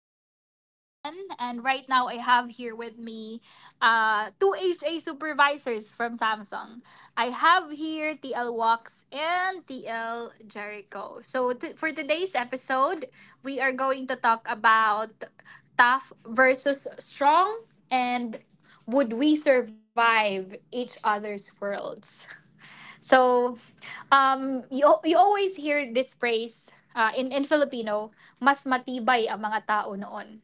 This is Van, and right now I have here with me two HA supervisors from Samsung. I have here TL Walks and TL Jericho. For today's episode, we are going to talk about tough versus strong, and would we survive each other's worlds. So, you always hear this phrase in Filipino, mas matibay ang mga tao noon.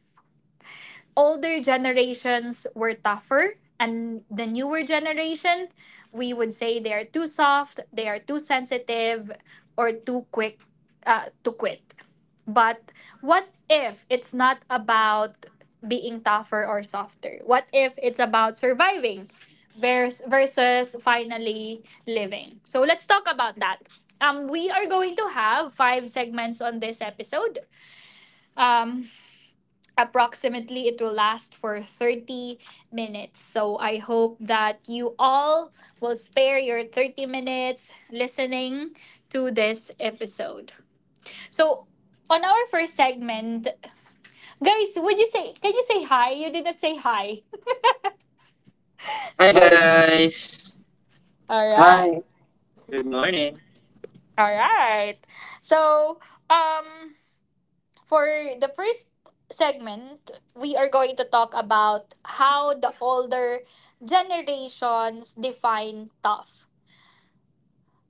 Older generations were tougher, and the newer generation, we would say they are too soft, they are too sensitive, or too quick to quit. But what if it's not about being tougher or softer? What if it's about surviving versus finally living? So let's talk about that. We are going to have five segments on this episode. um, Approximately it will last for 30 minutes, so I hope that you all will spare your 30 minutes listening to this episode. So on our first segment, guys, would you say, can you say hi? You didn't say hi. Hi Hi. Hi, guys. guys. All right. Hi. Good morning. All right. So um for the first segment, we are going to talk about how the older generations define tough.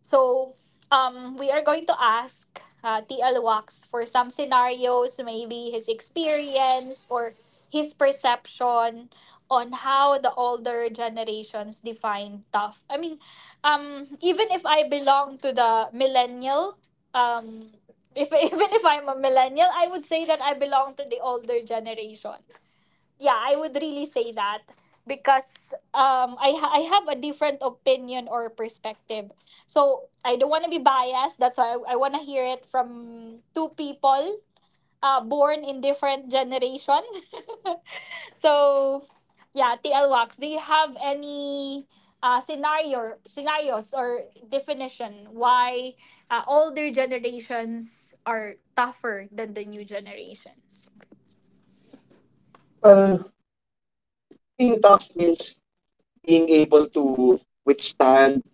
So, we are going to ask TL Wax for some scenarios, maybe his experience or his perception on how the older generations define tough. I mean, even if I belong to the millennial, um, if even if I'm a millennial, I would say that I belong to the older generation. Yeah, I would really say that, because I have a different opinion or perspective. So I don't want to be biased. That's why I want to hear it from two people born in different generation. So yeah, TL Wax, do you have any scenarios or definition why older generations are tougher than the new generations? Well, being tough means being able to withstand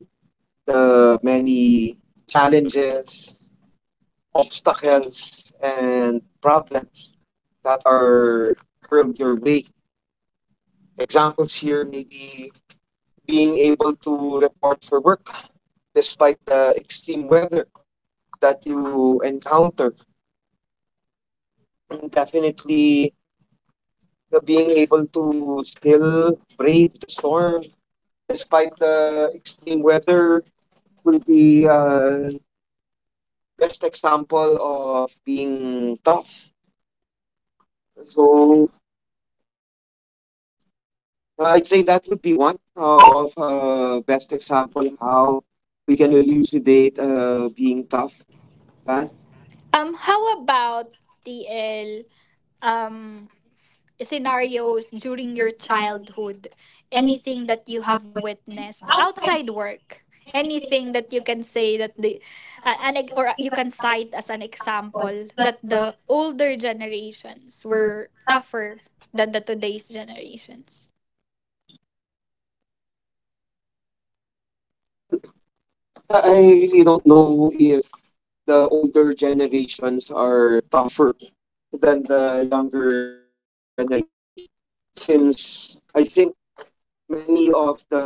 the many challenges, obstacles, and problems that are hurled your way. Examples here may be being able to report for work despite the extreme weather that you encounter. And definitely being able to still brave the storm despite the extreme weather, will be best example of being tough. So I'd say that would be one of best example how we can elucidate being tough. Right? How about TL? um Scenarios during your childhood, anything that you have witnessed outside work, anything that you can say that the or you can cite as an example that the older generations were tougher than the today's generations? I really don't know if the older generations are tougher than the younger generations, since I think many of the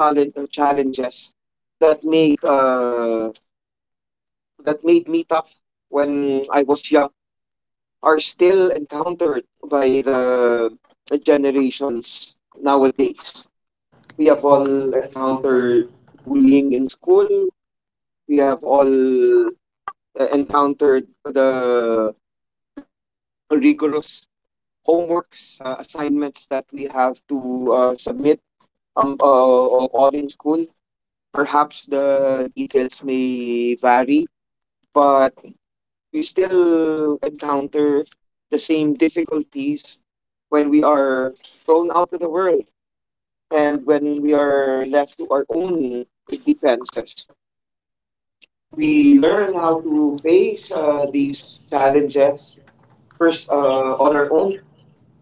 talent or challenges that make uh, that made me tough when I was young are still encountered by the generations nowadays. We We have have all all encountered encountered. bullying in school. We have all encountered the rigorous homeworks, assignments that we have to submit, all in school. Perhaps the details may vary, but we still encounter the same difficulties when we are thrown out of the world and when we are left to our own defenses. We We learn learn how how to to face face these these challenges challenges first, first on on our our own, own,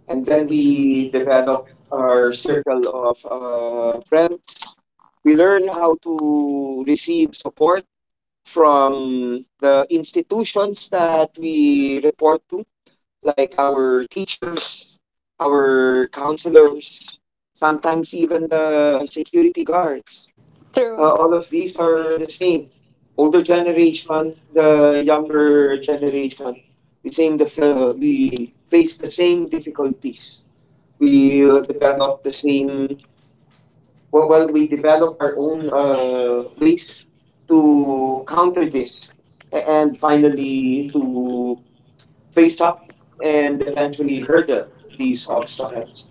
and and then then we we develop develop our our circle. circle of friends. We learn how to receive support from the institutions that we report to, like our teachers, our counselors, sometimes even the security guards. True. All All of of these these are are the the same. same. Older Older generation, generation, the the younger younger generation, generation, the same the fa- we we face face the the same same difficulties. difficulties. We We develop develop the the same. same. well, Well, well we we develop develop our our own own ways ways to to counter counter this, this, and and finally finally to to face face up up and and eventually eventually hurdle hurdle these these obstacles. obstacles.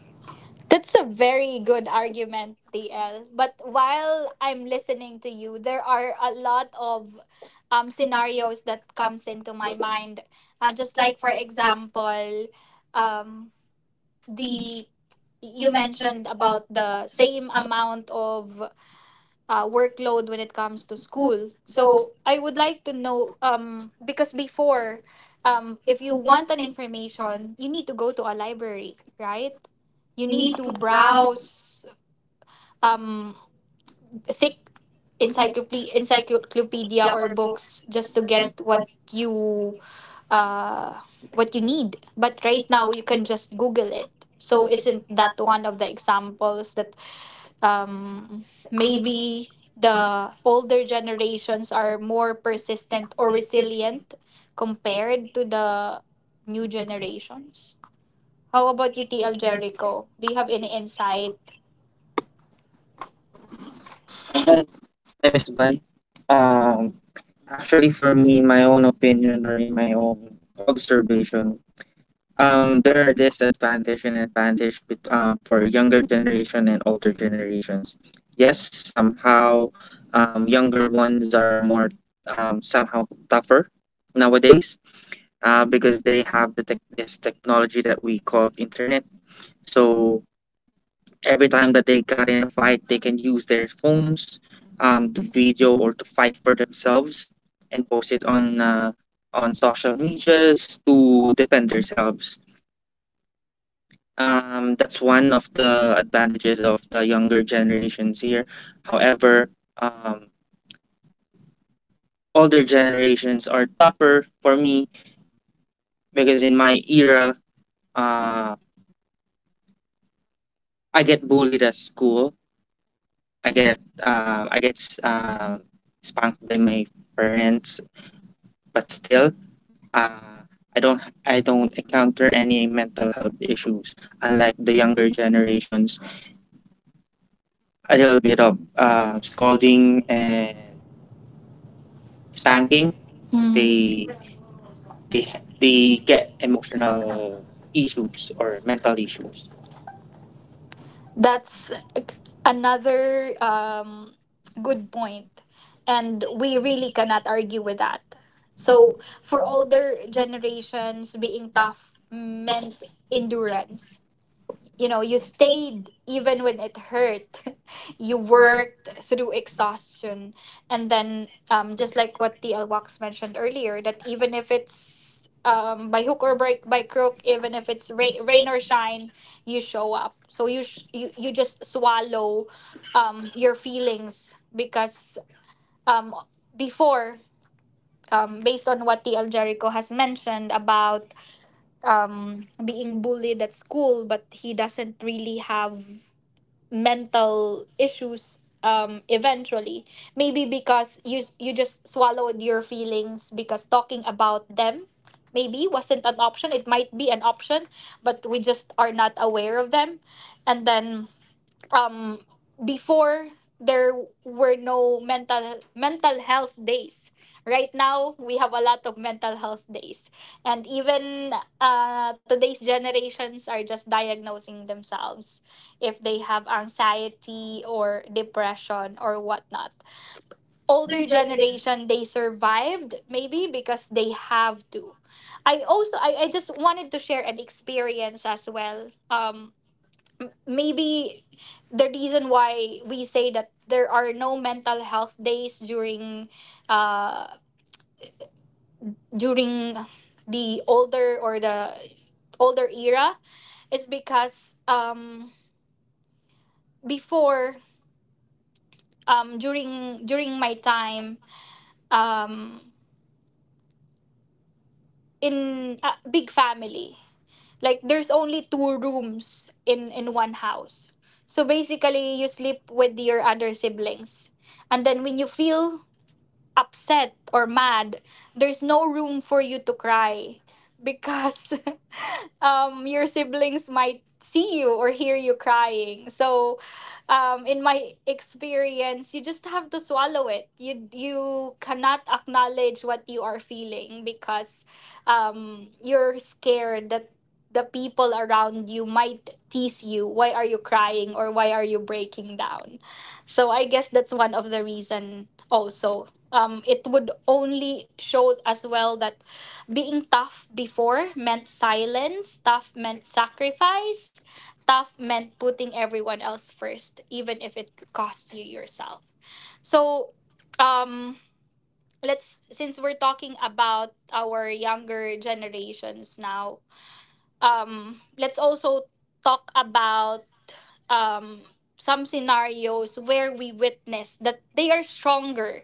That's a very good argument, TL. But while I'm listening to you, there are a lot of scenarios that comes into my mind. Just like, for example, um, the you mentioned about the same amount of workload when it comes to school. So I would like to know because before, if you want an information, you need to go to a library, right? You need to browse um thick encyclopedia or books just to get you uh what you need. But right now you can just Google it. So isn't that one of the examples that um maybe the older generations are more persistent or resilient compared to the new generations? How about you, TL Jericho? Do you have any insight? Hi, hi, Miss Van. Um, Actually, for me, in my own opinion or in my own observation, there are disadvantage and advantage for younger generation and older generations. Yes, somehow younger ones are more, somehow tougher nowadays, because they have the tech this technology that we call internet. So every time that they got in a fight, they can use their phones, to video or to fight for themselves, and post it on, social medias to defend themselves. That's one of the advantages of the younger generations here. However, um, older generations are tougher for me because in my era, uh, I get bullied at school. I get spanked by my parents, but still, uh, I don't I don't encounter any mental health issues unlike the younger generations. A little bit of Scolding scolding and and spanking, spanking, mm, they, they they they, ha- they they get get emotional emotional issues issues or or mental mental issues. issues. That's another good point, and we really cannot argue with that. So, for older generations, being tough meant endurance. You know, you stayed even when it hurt. You worked through exhaustion. And then, just like what the Wax mentioned earlier, that even if it's by hook or by crook, even if it's rain or shine, you show up. So you just swallow your feelings, because um, before based on what the Jericho has mentioned about being bullied at school, but he doesn't really have mental issues. Eventually, maybe because you just swallowed your feelings, because talking about them maybe wasn't an option. It might be an option, but we just are not aware of them. And then, um before there were no mental health days. Right now we have a lot of mental health days. And even today's generations are just diagnosing themselves if they have anxiety or depression or whatnot. Older generation, they survived maybe because they have to. I just wanted to share an experience as well. Maybe the reason why we say that there are no mental health days during uh during the older or the older era is because before during during my time, um in a big family, like there's only two rooms in one house, so basically you sleep with your other siblings. And then when you feel upset or mad, there's no room for you to cry because your siblings might see you or hear you crying. So, in my experience, you just have to swallow it. You cannot acknowledge what you are feeling because you're scared that the people around you might tease you. Why are you crying or why are you breaking down? So I guess that's one of the reason also. It would only show as well that being tough before meant silence, tough meant sacrifice, tough meant putting everyone else first, even if it costs you yourself. So, um, let's, since we're talking about our younger generations now, let's also talk about um, some scenarios where we witness that they are stronger,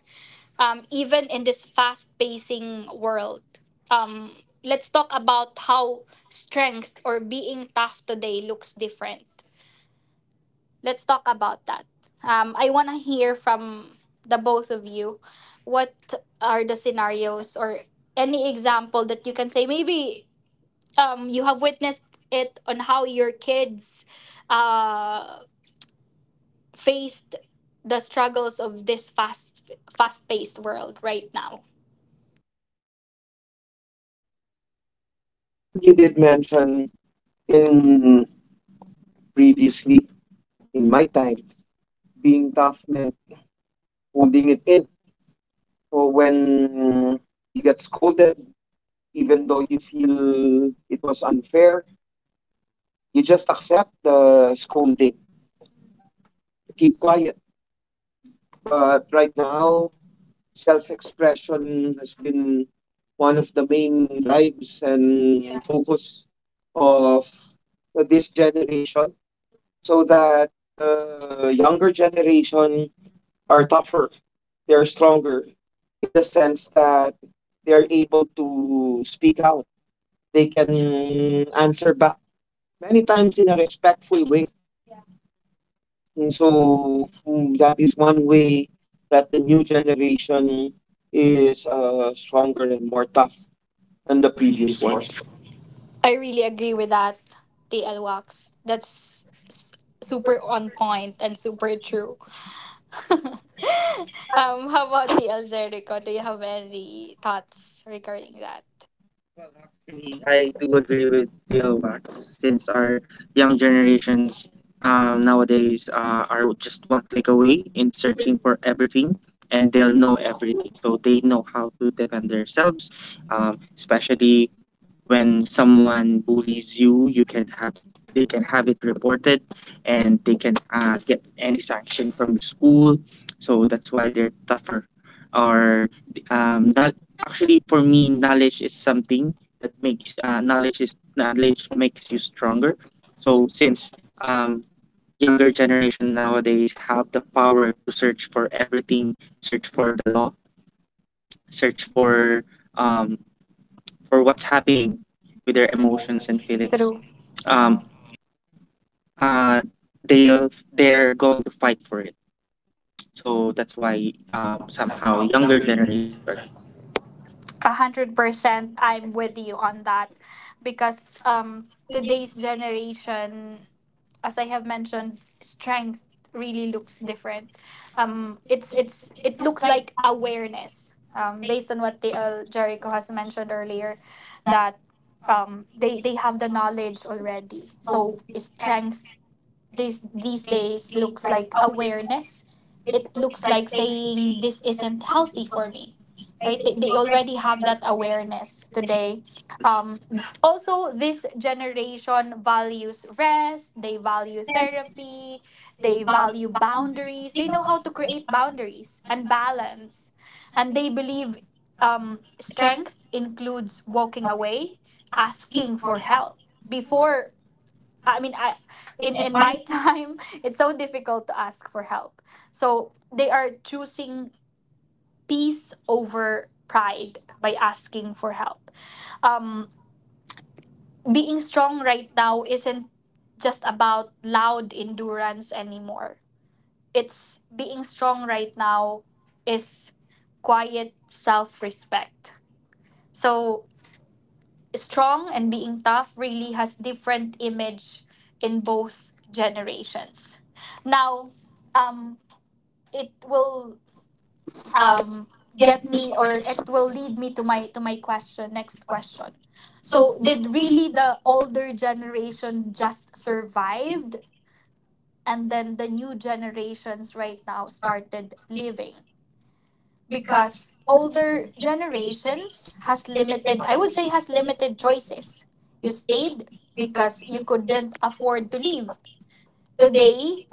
even in this fast pacing world. Um, let's talk about how strength or being tough today looks different. Let's talk about that. I want to hear from the both of you. What are the scenarios or any example that you can say? Maybe you have witnessed it on how your kids uh, faced the struggles of this fast paced world right now. You did mention in previously, in my time being tough meant holding it in. Or when you get scolded, even though you feel it was unfair, you just accept the scolding, keep quiet. But right now, self-expression has been one of the main drives and focus of this generation, so that the younger generation are tougher, they're stronger in the sense that they're able to speak out, they can answer back many times in a respectful way. And so, that is one way that the new generation is stronger and more tough than And the the previous previous one. ones. I really agree with that, TL Wax. Super on point and super true. um, how about TL Jericho? Do you have any thoughts regarding that? Well, actually, I do agree with the Wax, since our young generations, nowadays, are just one click away in searching for everything, and they'll know everything. So they know how to defend themselves, especially when someone bullies you you can have they can have it reported, and they can get any sanction from the school. So that's why they're tougher. Or not, actually, for me knowledge is something that makes knowledge is knowledge makes you stronger. So since um younger generation nowadays have the power to search for everything, search for the law, search for, um what's happening with their Their emotions emotions. and feelings, True. um, Um. uh, they're going to fight for it. So that's why, somehow Somehow younger younger generations are generations, right? tougher. 100%, I'm with you on that, because today's generation, as I have mentioned, strength really looks different. It looks like awareness. Based on what TL Jericho has mentioned earlier, that they have the knowledge already. So strength these days looks like awareness. It looks like saying this isn't healthy for me, right? They already have that awareness today. Um, Also, this generation values rest. They value therapy. They value boundaries. They know how to create boundaries and balance, and they believe strength includes walking away, asking for help. before I, in my time, it's so difficult to ask for help. So they are choosing peace over pride by asking for help. Um, Being strong right now isn't just about loud endurance anymore. It's, being strong right now is quiet self respect. So strong and being tough really has different image in both generations. Now, um, it will um, get me, or it will lead me to my question next question. So, did really the older generation just survived, and then the new generations right now started living? Because older generations has limited, I would say has limited choices. You stayed because you couldn't afford to leave. Today,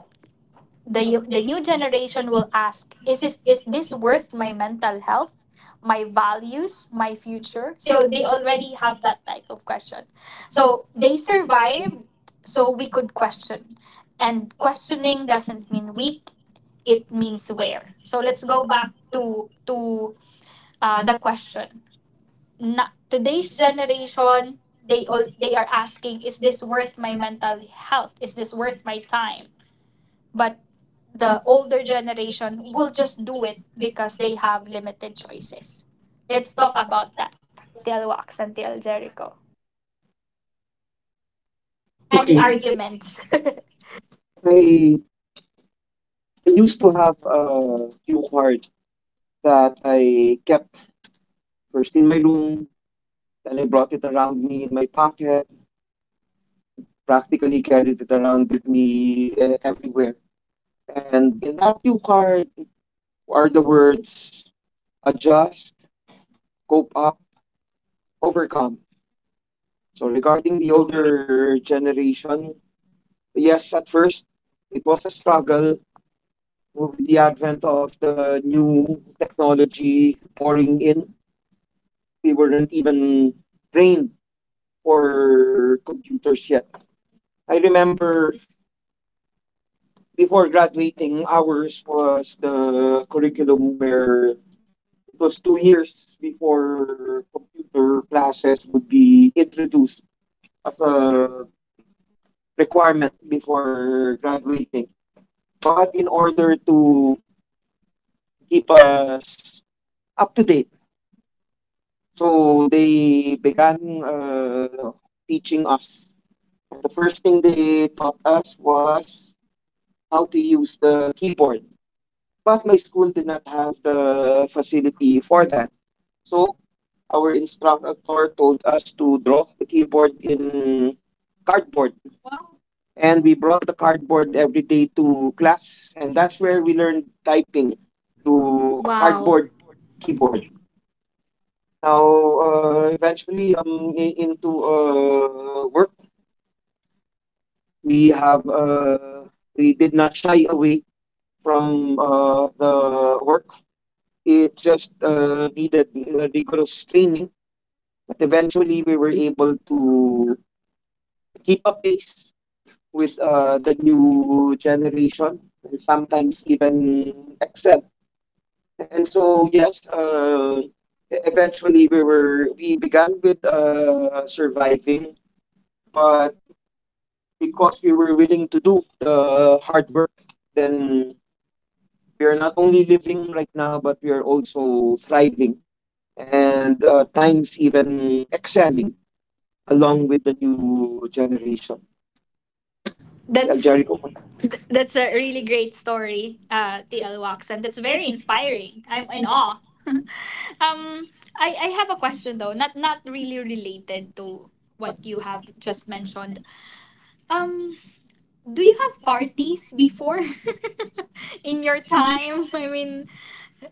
the the new generation will ask, is this worth my mental health, my values, my future? So they already have that type of question. So they survived, so we could question. And questioning doesn't mean weak, it means where. So let's go back to the question. Today's generation, they are asking, is this worth my mental health? Is this worth my time? But the older generation will just do it because they have limited choices. Let's talk about that. Till Wax and Till Jericho. Any Okay. arguments? I I used to have a cue card that I kept first in my room, then I brought it around me in my pocket, practically carried it around with me everywhere. And in that cue card are the words adjust, cope up, overcome. So regarding the We older generation, yes, at first it was a struggle with the advent of the new technology pouring in. We weren't even trained for computers yet. I remember before graduating, ours was the curriculum where it was 2 years before computer classes would be introduced as a requirement before graduating. But in order to keep us up to date, so they began teaching us. And the first thing they taught us was how to use the keyboard. But my school did not have the facility for that. So our instructor told us to draw the keyboard in cardboard. And we brought the cardboard every day to class. And and that's that's where where we we learn learned typing to to a wow. cardboard Hardcore keyboard. keyboard. Now, eventually, into work, we have uh, we did not shy away from the work. It just needed rigorous training, but eventually we were able to keep a pace with, the new generation and sometimes even excel. And so, yes, eventually we began with surviving, but because we were willing to do the hard work, then we are not only living right now, but we are also thriving and times even excelling along with the new generation. The That's Algeric Open. That's a really great story, TL Wax, and that's very inspiring. I'm in awe. um, I have a question though, not not really related to what you have just mentioned. Um, do you have parties before in your time? I mean,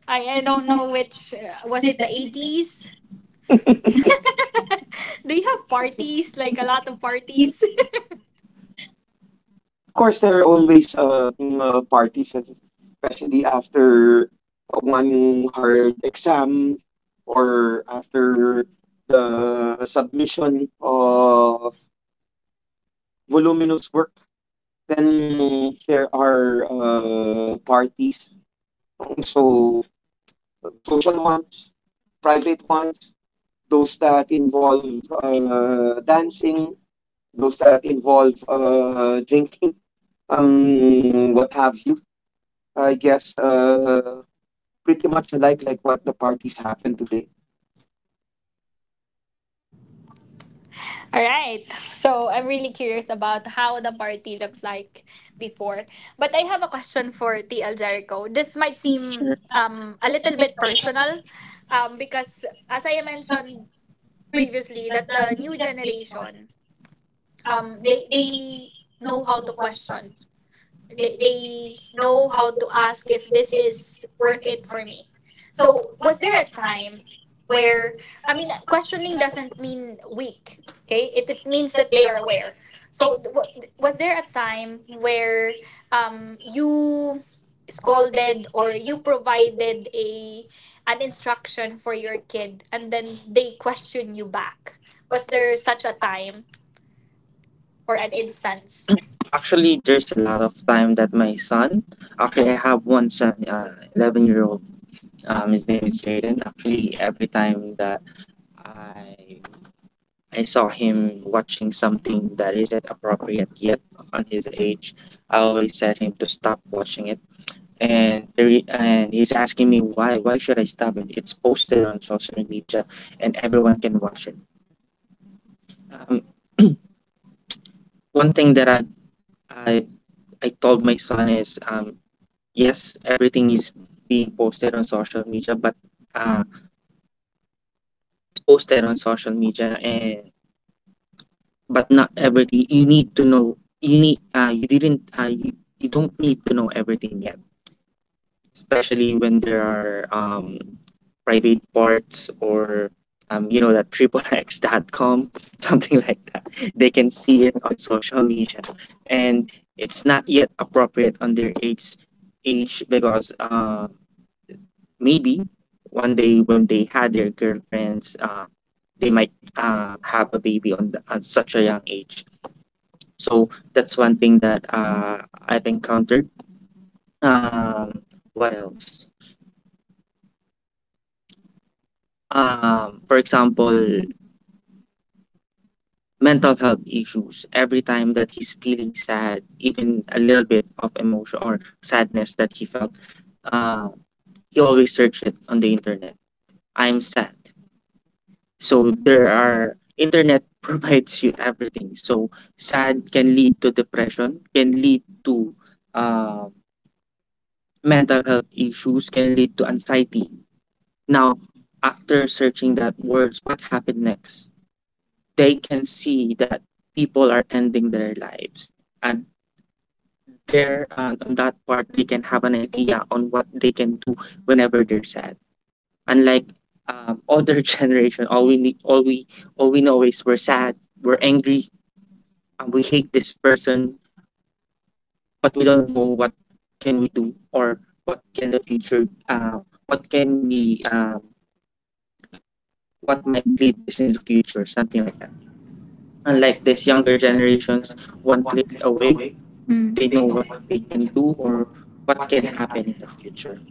I don't know which was it the 80s. Do you have parties, like a lot of parties? Of course, there are always, parties, especially after one hard exam or after the submission of voluminous work. Then there are parties. So, social ones, private ones, those that involve dancing, those that involve drinking, what have you. I guess pretty much like what the parties happen today. All right. So I'm really curious about how the party looks like before. But I have a question for TL Jericho. This might seem a little bit personal because as I mentioned previously that the new generation they know how to question, they know how to ask if this is worth it for me. So was there a time where, I mean, questioning doesn't mean weak. Okay, it means that they are aware. So was there a time where, you scolded or you provided a an instruction for your kid and then they question you back? Was there such a time or an instance? Actually, there's a lot of time that my son, actually, I have one son, 11-year-old. His name is Jaden. Actually, every time that I I saw him watching something that isn't appropriate yet on his age. I always said him to stop watching it. And and he's asking me why should I stop it? It's posted on social media and everyone can watch it. Um, One thing that I I told my son is, yes, everything is being posted on social media, but uh, it's posted on social media, and but not everything you need to know. You need uh you didn't uh you, you don't need to know everything yet, especially when there are private parts, or you know that xxx.com, something like that. They can see it on social media, and it's not yet appropriate on their age, because maybe one day when they had their girlfriends, they might have a baby on such a young age. So that's one thing that, I've encountered. Um, what else? For example, mental health issues. Every time that he's feeling sad, even a little bit of emotion or sadness that he felt, uh, he always search it on the internet. I'm sad. So there are internet provides you everything. So sad can lead to depression, can lead to uh, mental health issues, can lead to anxiety. Now, after searching that words, what happened next? They can see that people are ending their lives. And there, on that part, they can have an idea on what they can do whenever they're sad. Unlike, other generation, all we need, all we know is we're sad, we're angry, and we hate this person, but we don't know what can we do, or what can the future, what can we, what might lead this in the future, something like that. Not Unlike like these this younger younger generations, generations, one one click click away, away. Mm. they They know know what what they they can can do do or or what what can can happen in the happen. future.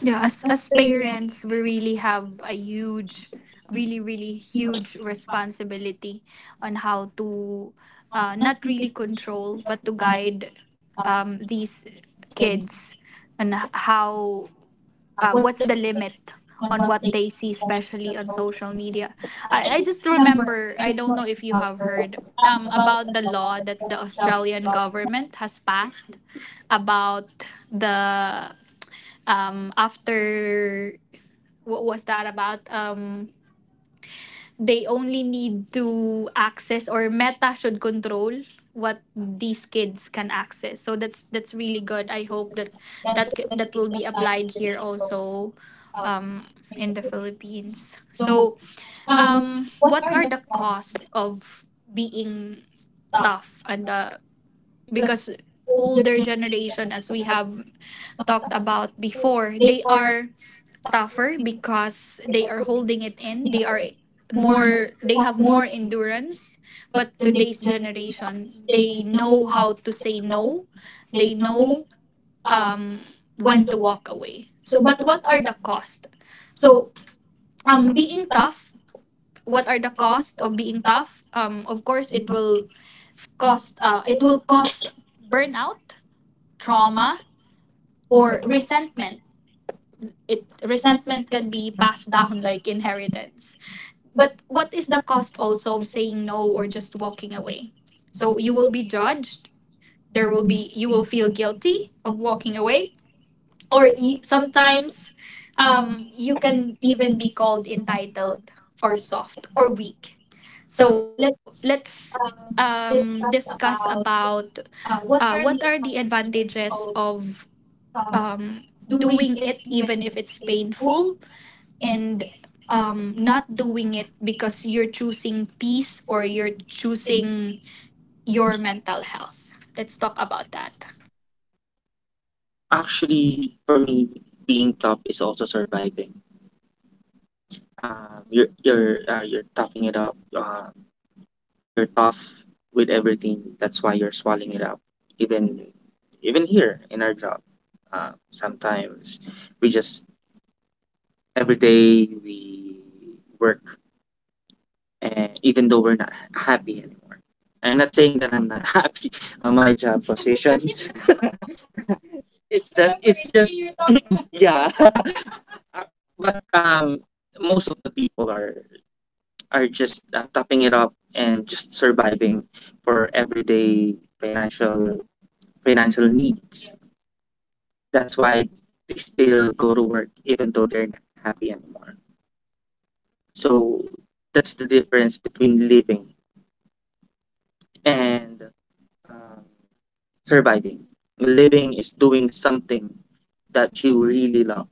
Yeah, as parents, we really have a huge, really really huge responsibility on how to, not really control but to guide, these kids on how, what's the limit on what they see, especially on social media. I just remember, I don't know if you have heard about the law that the Australian government has passed about the, after what was that about? They only need to access, or Meta should control what these kids can access. So that's really good. I hope that that will be applied here also, um in the Philippines. So what are the costs of being tough? And the, because older generation, as we have talked about before, they are tougher because they are holding it in. They are more, they have more endurance, but today's generation, they know how to say no. They know, um when to walk away. So but what are the cost? So being tough, what are the cost of being tough? Of course it will cost, it will cause burnout, trauma or resentment. It resentment can be passed down like inheritance. But what is the cost also of saying no or just walking away? So you will be judged. There will be, you will feel guilty of walking away, or sometimes, you can even be called entitled or soft or weak. So let's, discuss about, what are the advantages of, doing it even if it's painful, and not doing it because you're choosing peace or you're choosing your mental health. Let's talk about that. Actually, for me, being tough is also surviving. You're toughing it up. You're tough with everything. That's why you're swallowing it up. Even even here in our job, sometimes we just every day we work, even though we're not happy anymore. I'm not saying that I'm not happy on my job position. It's, yeah, but most of the people are just topping it up and just surviving for everyday financial needs. That's why they still go to work even though they're not happy anymore. So that's the difference between living and, uh, surviving. Living is doing something that you really love.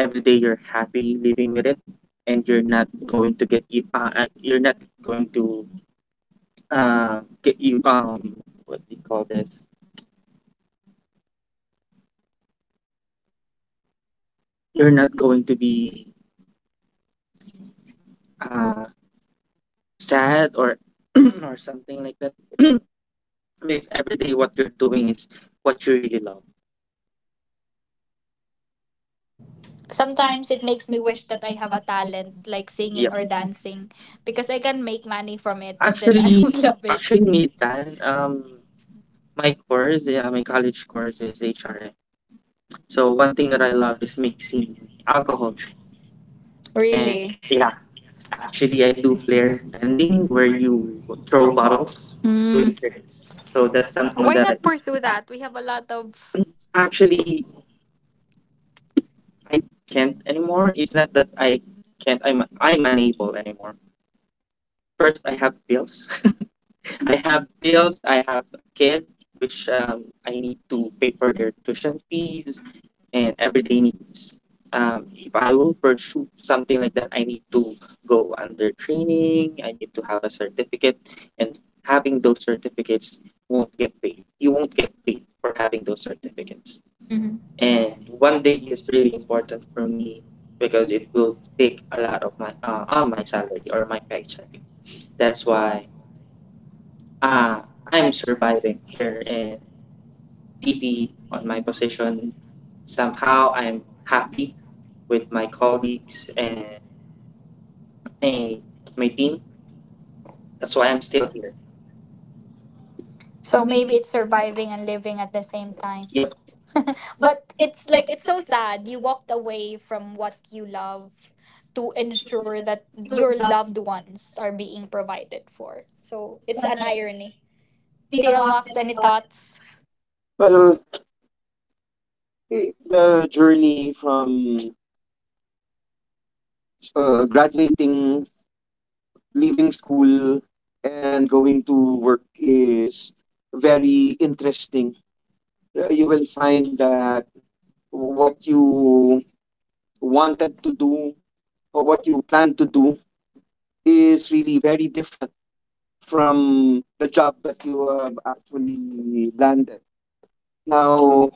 Every day you're happy living with it, and you're not going to get you. You're not going to get you. What do you call this? You're not going to be uh, sad or or something like that. Because every day what you're doing is what you really love. Sometimes it makes me wish that I have a talent like singing or dancing because I can make money from it and then I Actually, would love it. actually, me, Dan. My course, yeah, my college course is HRM. So one thing that I love is mixing alcohol. Really? Yeah, actually I do flare tending where you throw bottles Mm. doing tricks. So that's something, Why not pursue that? We have a lot of. actually I can't anymore. It's not that I can't. I'm unable anymore. First, I have bills. I have bills. I have a kid, which I need to pay for their tuition fees, and everyday needs. If I will pursue something like that, I need to go under training, I need to have a certificate, and having those certificates won't get paid. You won't get paid for having those certificates. Mhm. And one day is really important for me because it will take a lot of my all my salary or my paycheck. That's why, uh, I'm surviving here in TP on my position. Somehow I'm happy with my colleagues and my my team. That's why I'm still here. So maybe it's surviving and living at the same time. Yep. But it's like it's so sad you walked away from what you love to ensure that your loved ones are being provided for. So it's an irony. TL Locks, any thoughts? Well, eh, the journey from graduating, leaving school, and going to work is very interesting. You will find that what you wanted to do or what you plan to do is really very different from the job that you have actually landed. Now,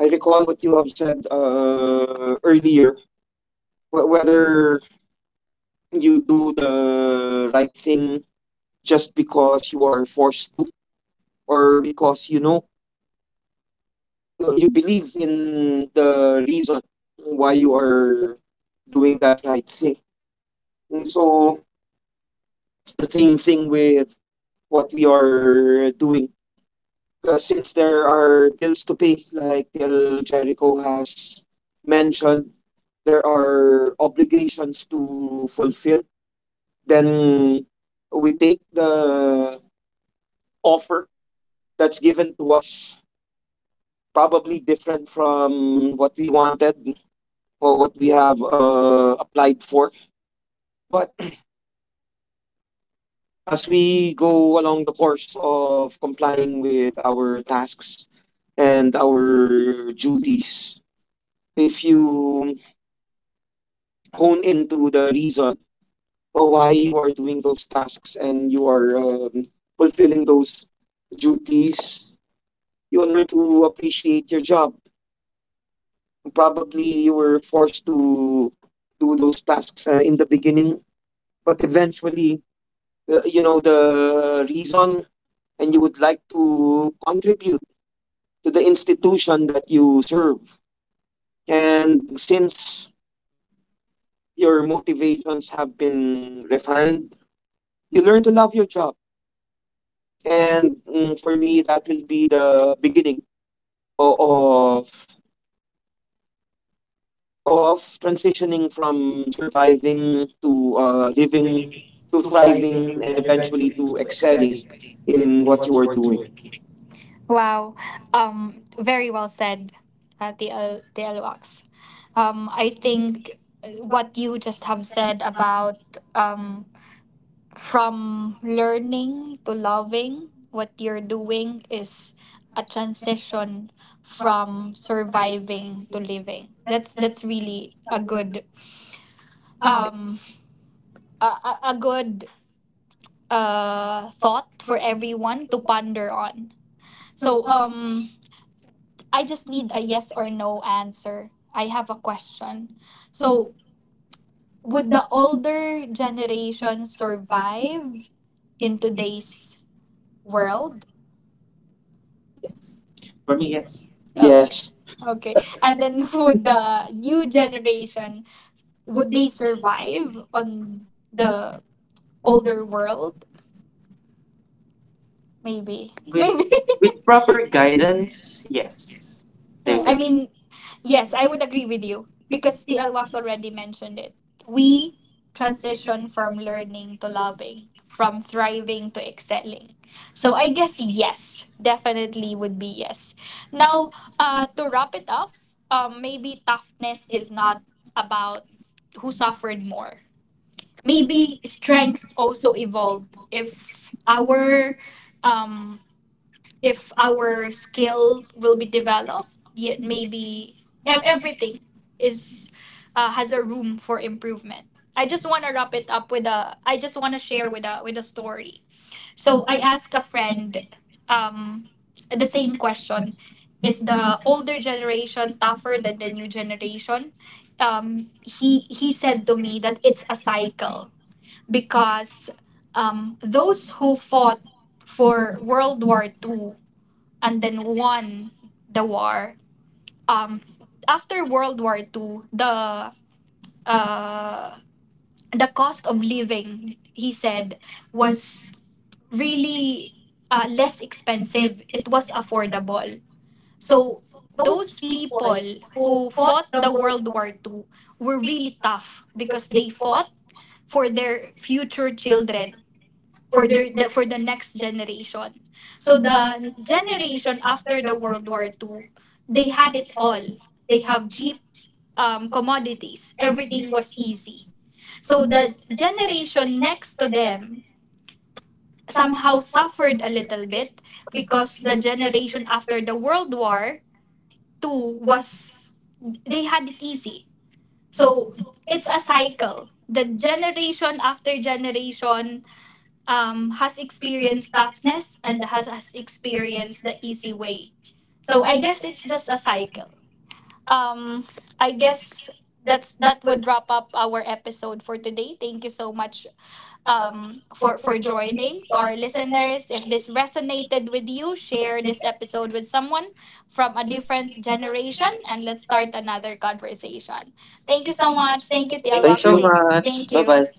I recall what you have said earlier, whether you do the right thing just because you are forced to, or because you believe in the reason why you are doing that right thing. And so it's the same thing with what we are doing. Since there are bills to pay, like Del Jericho has mentioned, there are obligations to fulfill, then we take the offer that's given to us, probably different from what we wanted or what we have applied for. But as we go along the course of complying with our tasks and our duties, if you hone into the reason of why you are doing those tasks, and you are fulfilling those duties, you will learn to appreciate your job. Probably you were forced to do those tasks in the beginning, but eventually, you know the reason, and you would like to contribute to the institution that you serve. And since your motivations have been refined, you learn to love your job. And, for me, that will be the beginning o- of of transitioning from surviving to, living, Living to to thriving thriving, and and eventually eventually to to excel excelling in in what you what you are are doing. doing. Wow. Very well said, TL Locks, I think what you just have said about, um from learning to loving what you're doing is a transition from surviving to living. That's really a good, um a, a good, thought for everyone to ponder on. So I just need a yes or no answer. I have a question. So would the older generation survive in today's world? Yes. For me, yes. Oh, Yes. okay. And then would the new generation, would they survive on the older world? Maybe, With, maybe. with proper guidance, yes. They Anyway, will. I mean, yes, I would agree with you because the Alwax already mentioned it. We transition from learning to loving, from thriving to excelling. So I guess yes, definitely would be yes. Now, to wrap it up, maybe toughness is not about who suffered more. Maybe strength also evolved. If our, um if our skill will be developed, yet maybe everything is, has a room for improvement. I just want to wrap it up with a, I just want to share with a, with a story. So I asked a friend, um the same question: is the older generation tougher than the new generation? He said to me that it's a cycle, because those who fought for World War Two and then won the war. Um, after World War Two, the, uh, the cost of living, he said, was really, less expensive. It was affordable. So those people who fought the World War Two were really tough because they fought for their future children, for the next generation. So the generation after the World War II, they had it all. They have cheap, commodities. Everything was easy. So the generation next to them somehow suffered a little bit because the generation after the World War II was, they had it easy. So it's a cycle. The generation after generation, has experienced toughness and has experienced the easy way. So I guess it's just a cycle. Um, I guess that's, that would wrap up our episode for today. Thank you so much, for joining, to our listeners. If this resonated with you, share this episode with someone from a different generation, and let's start another conversation. Thank you so much. Thank you, TL. But Thank you.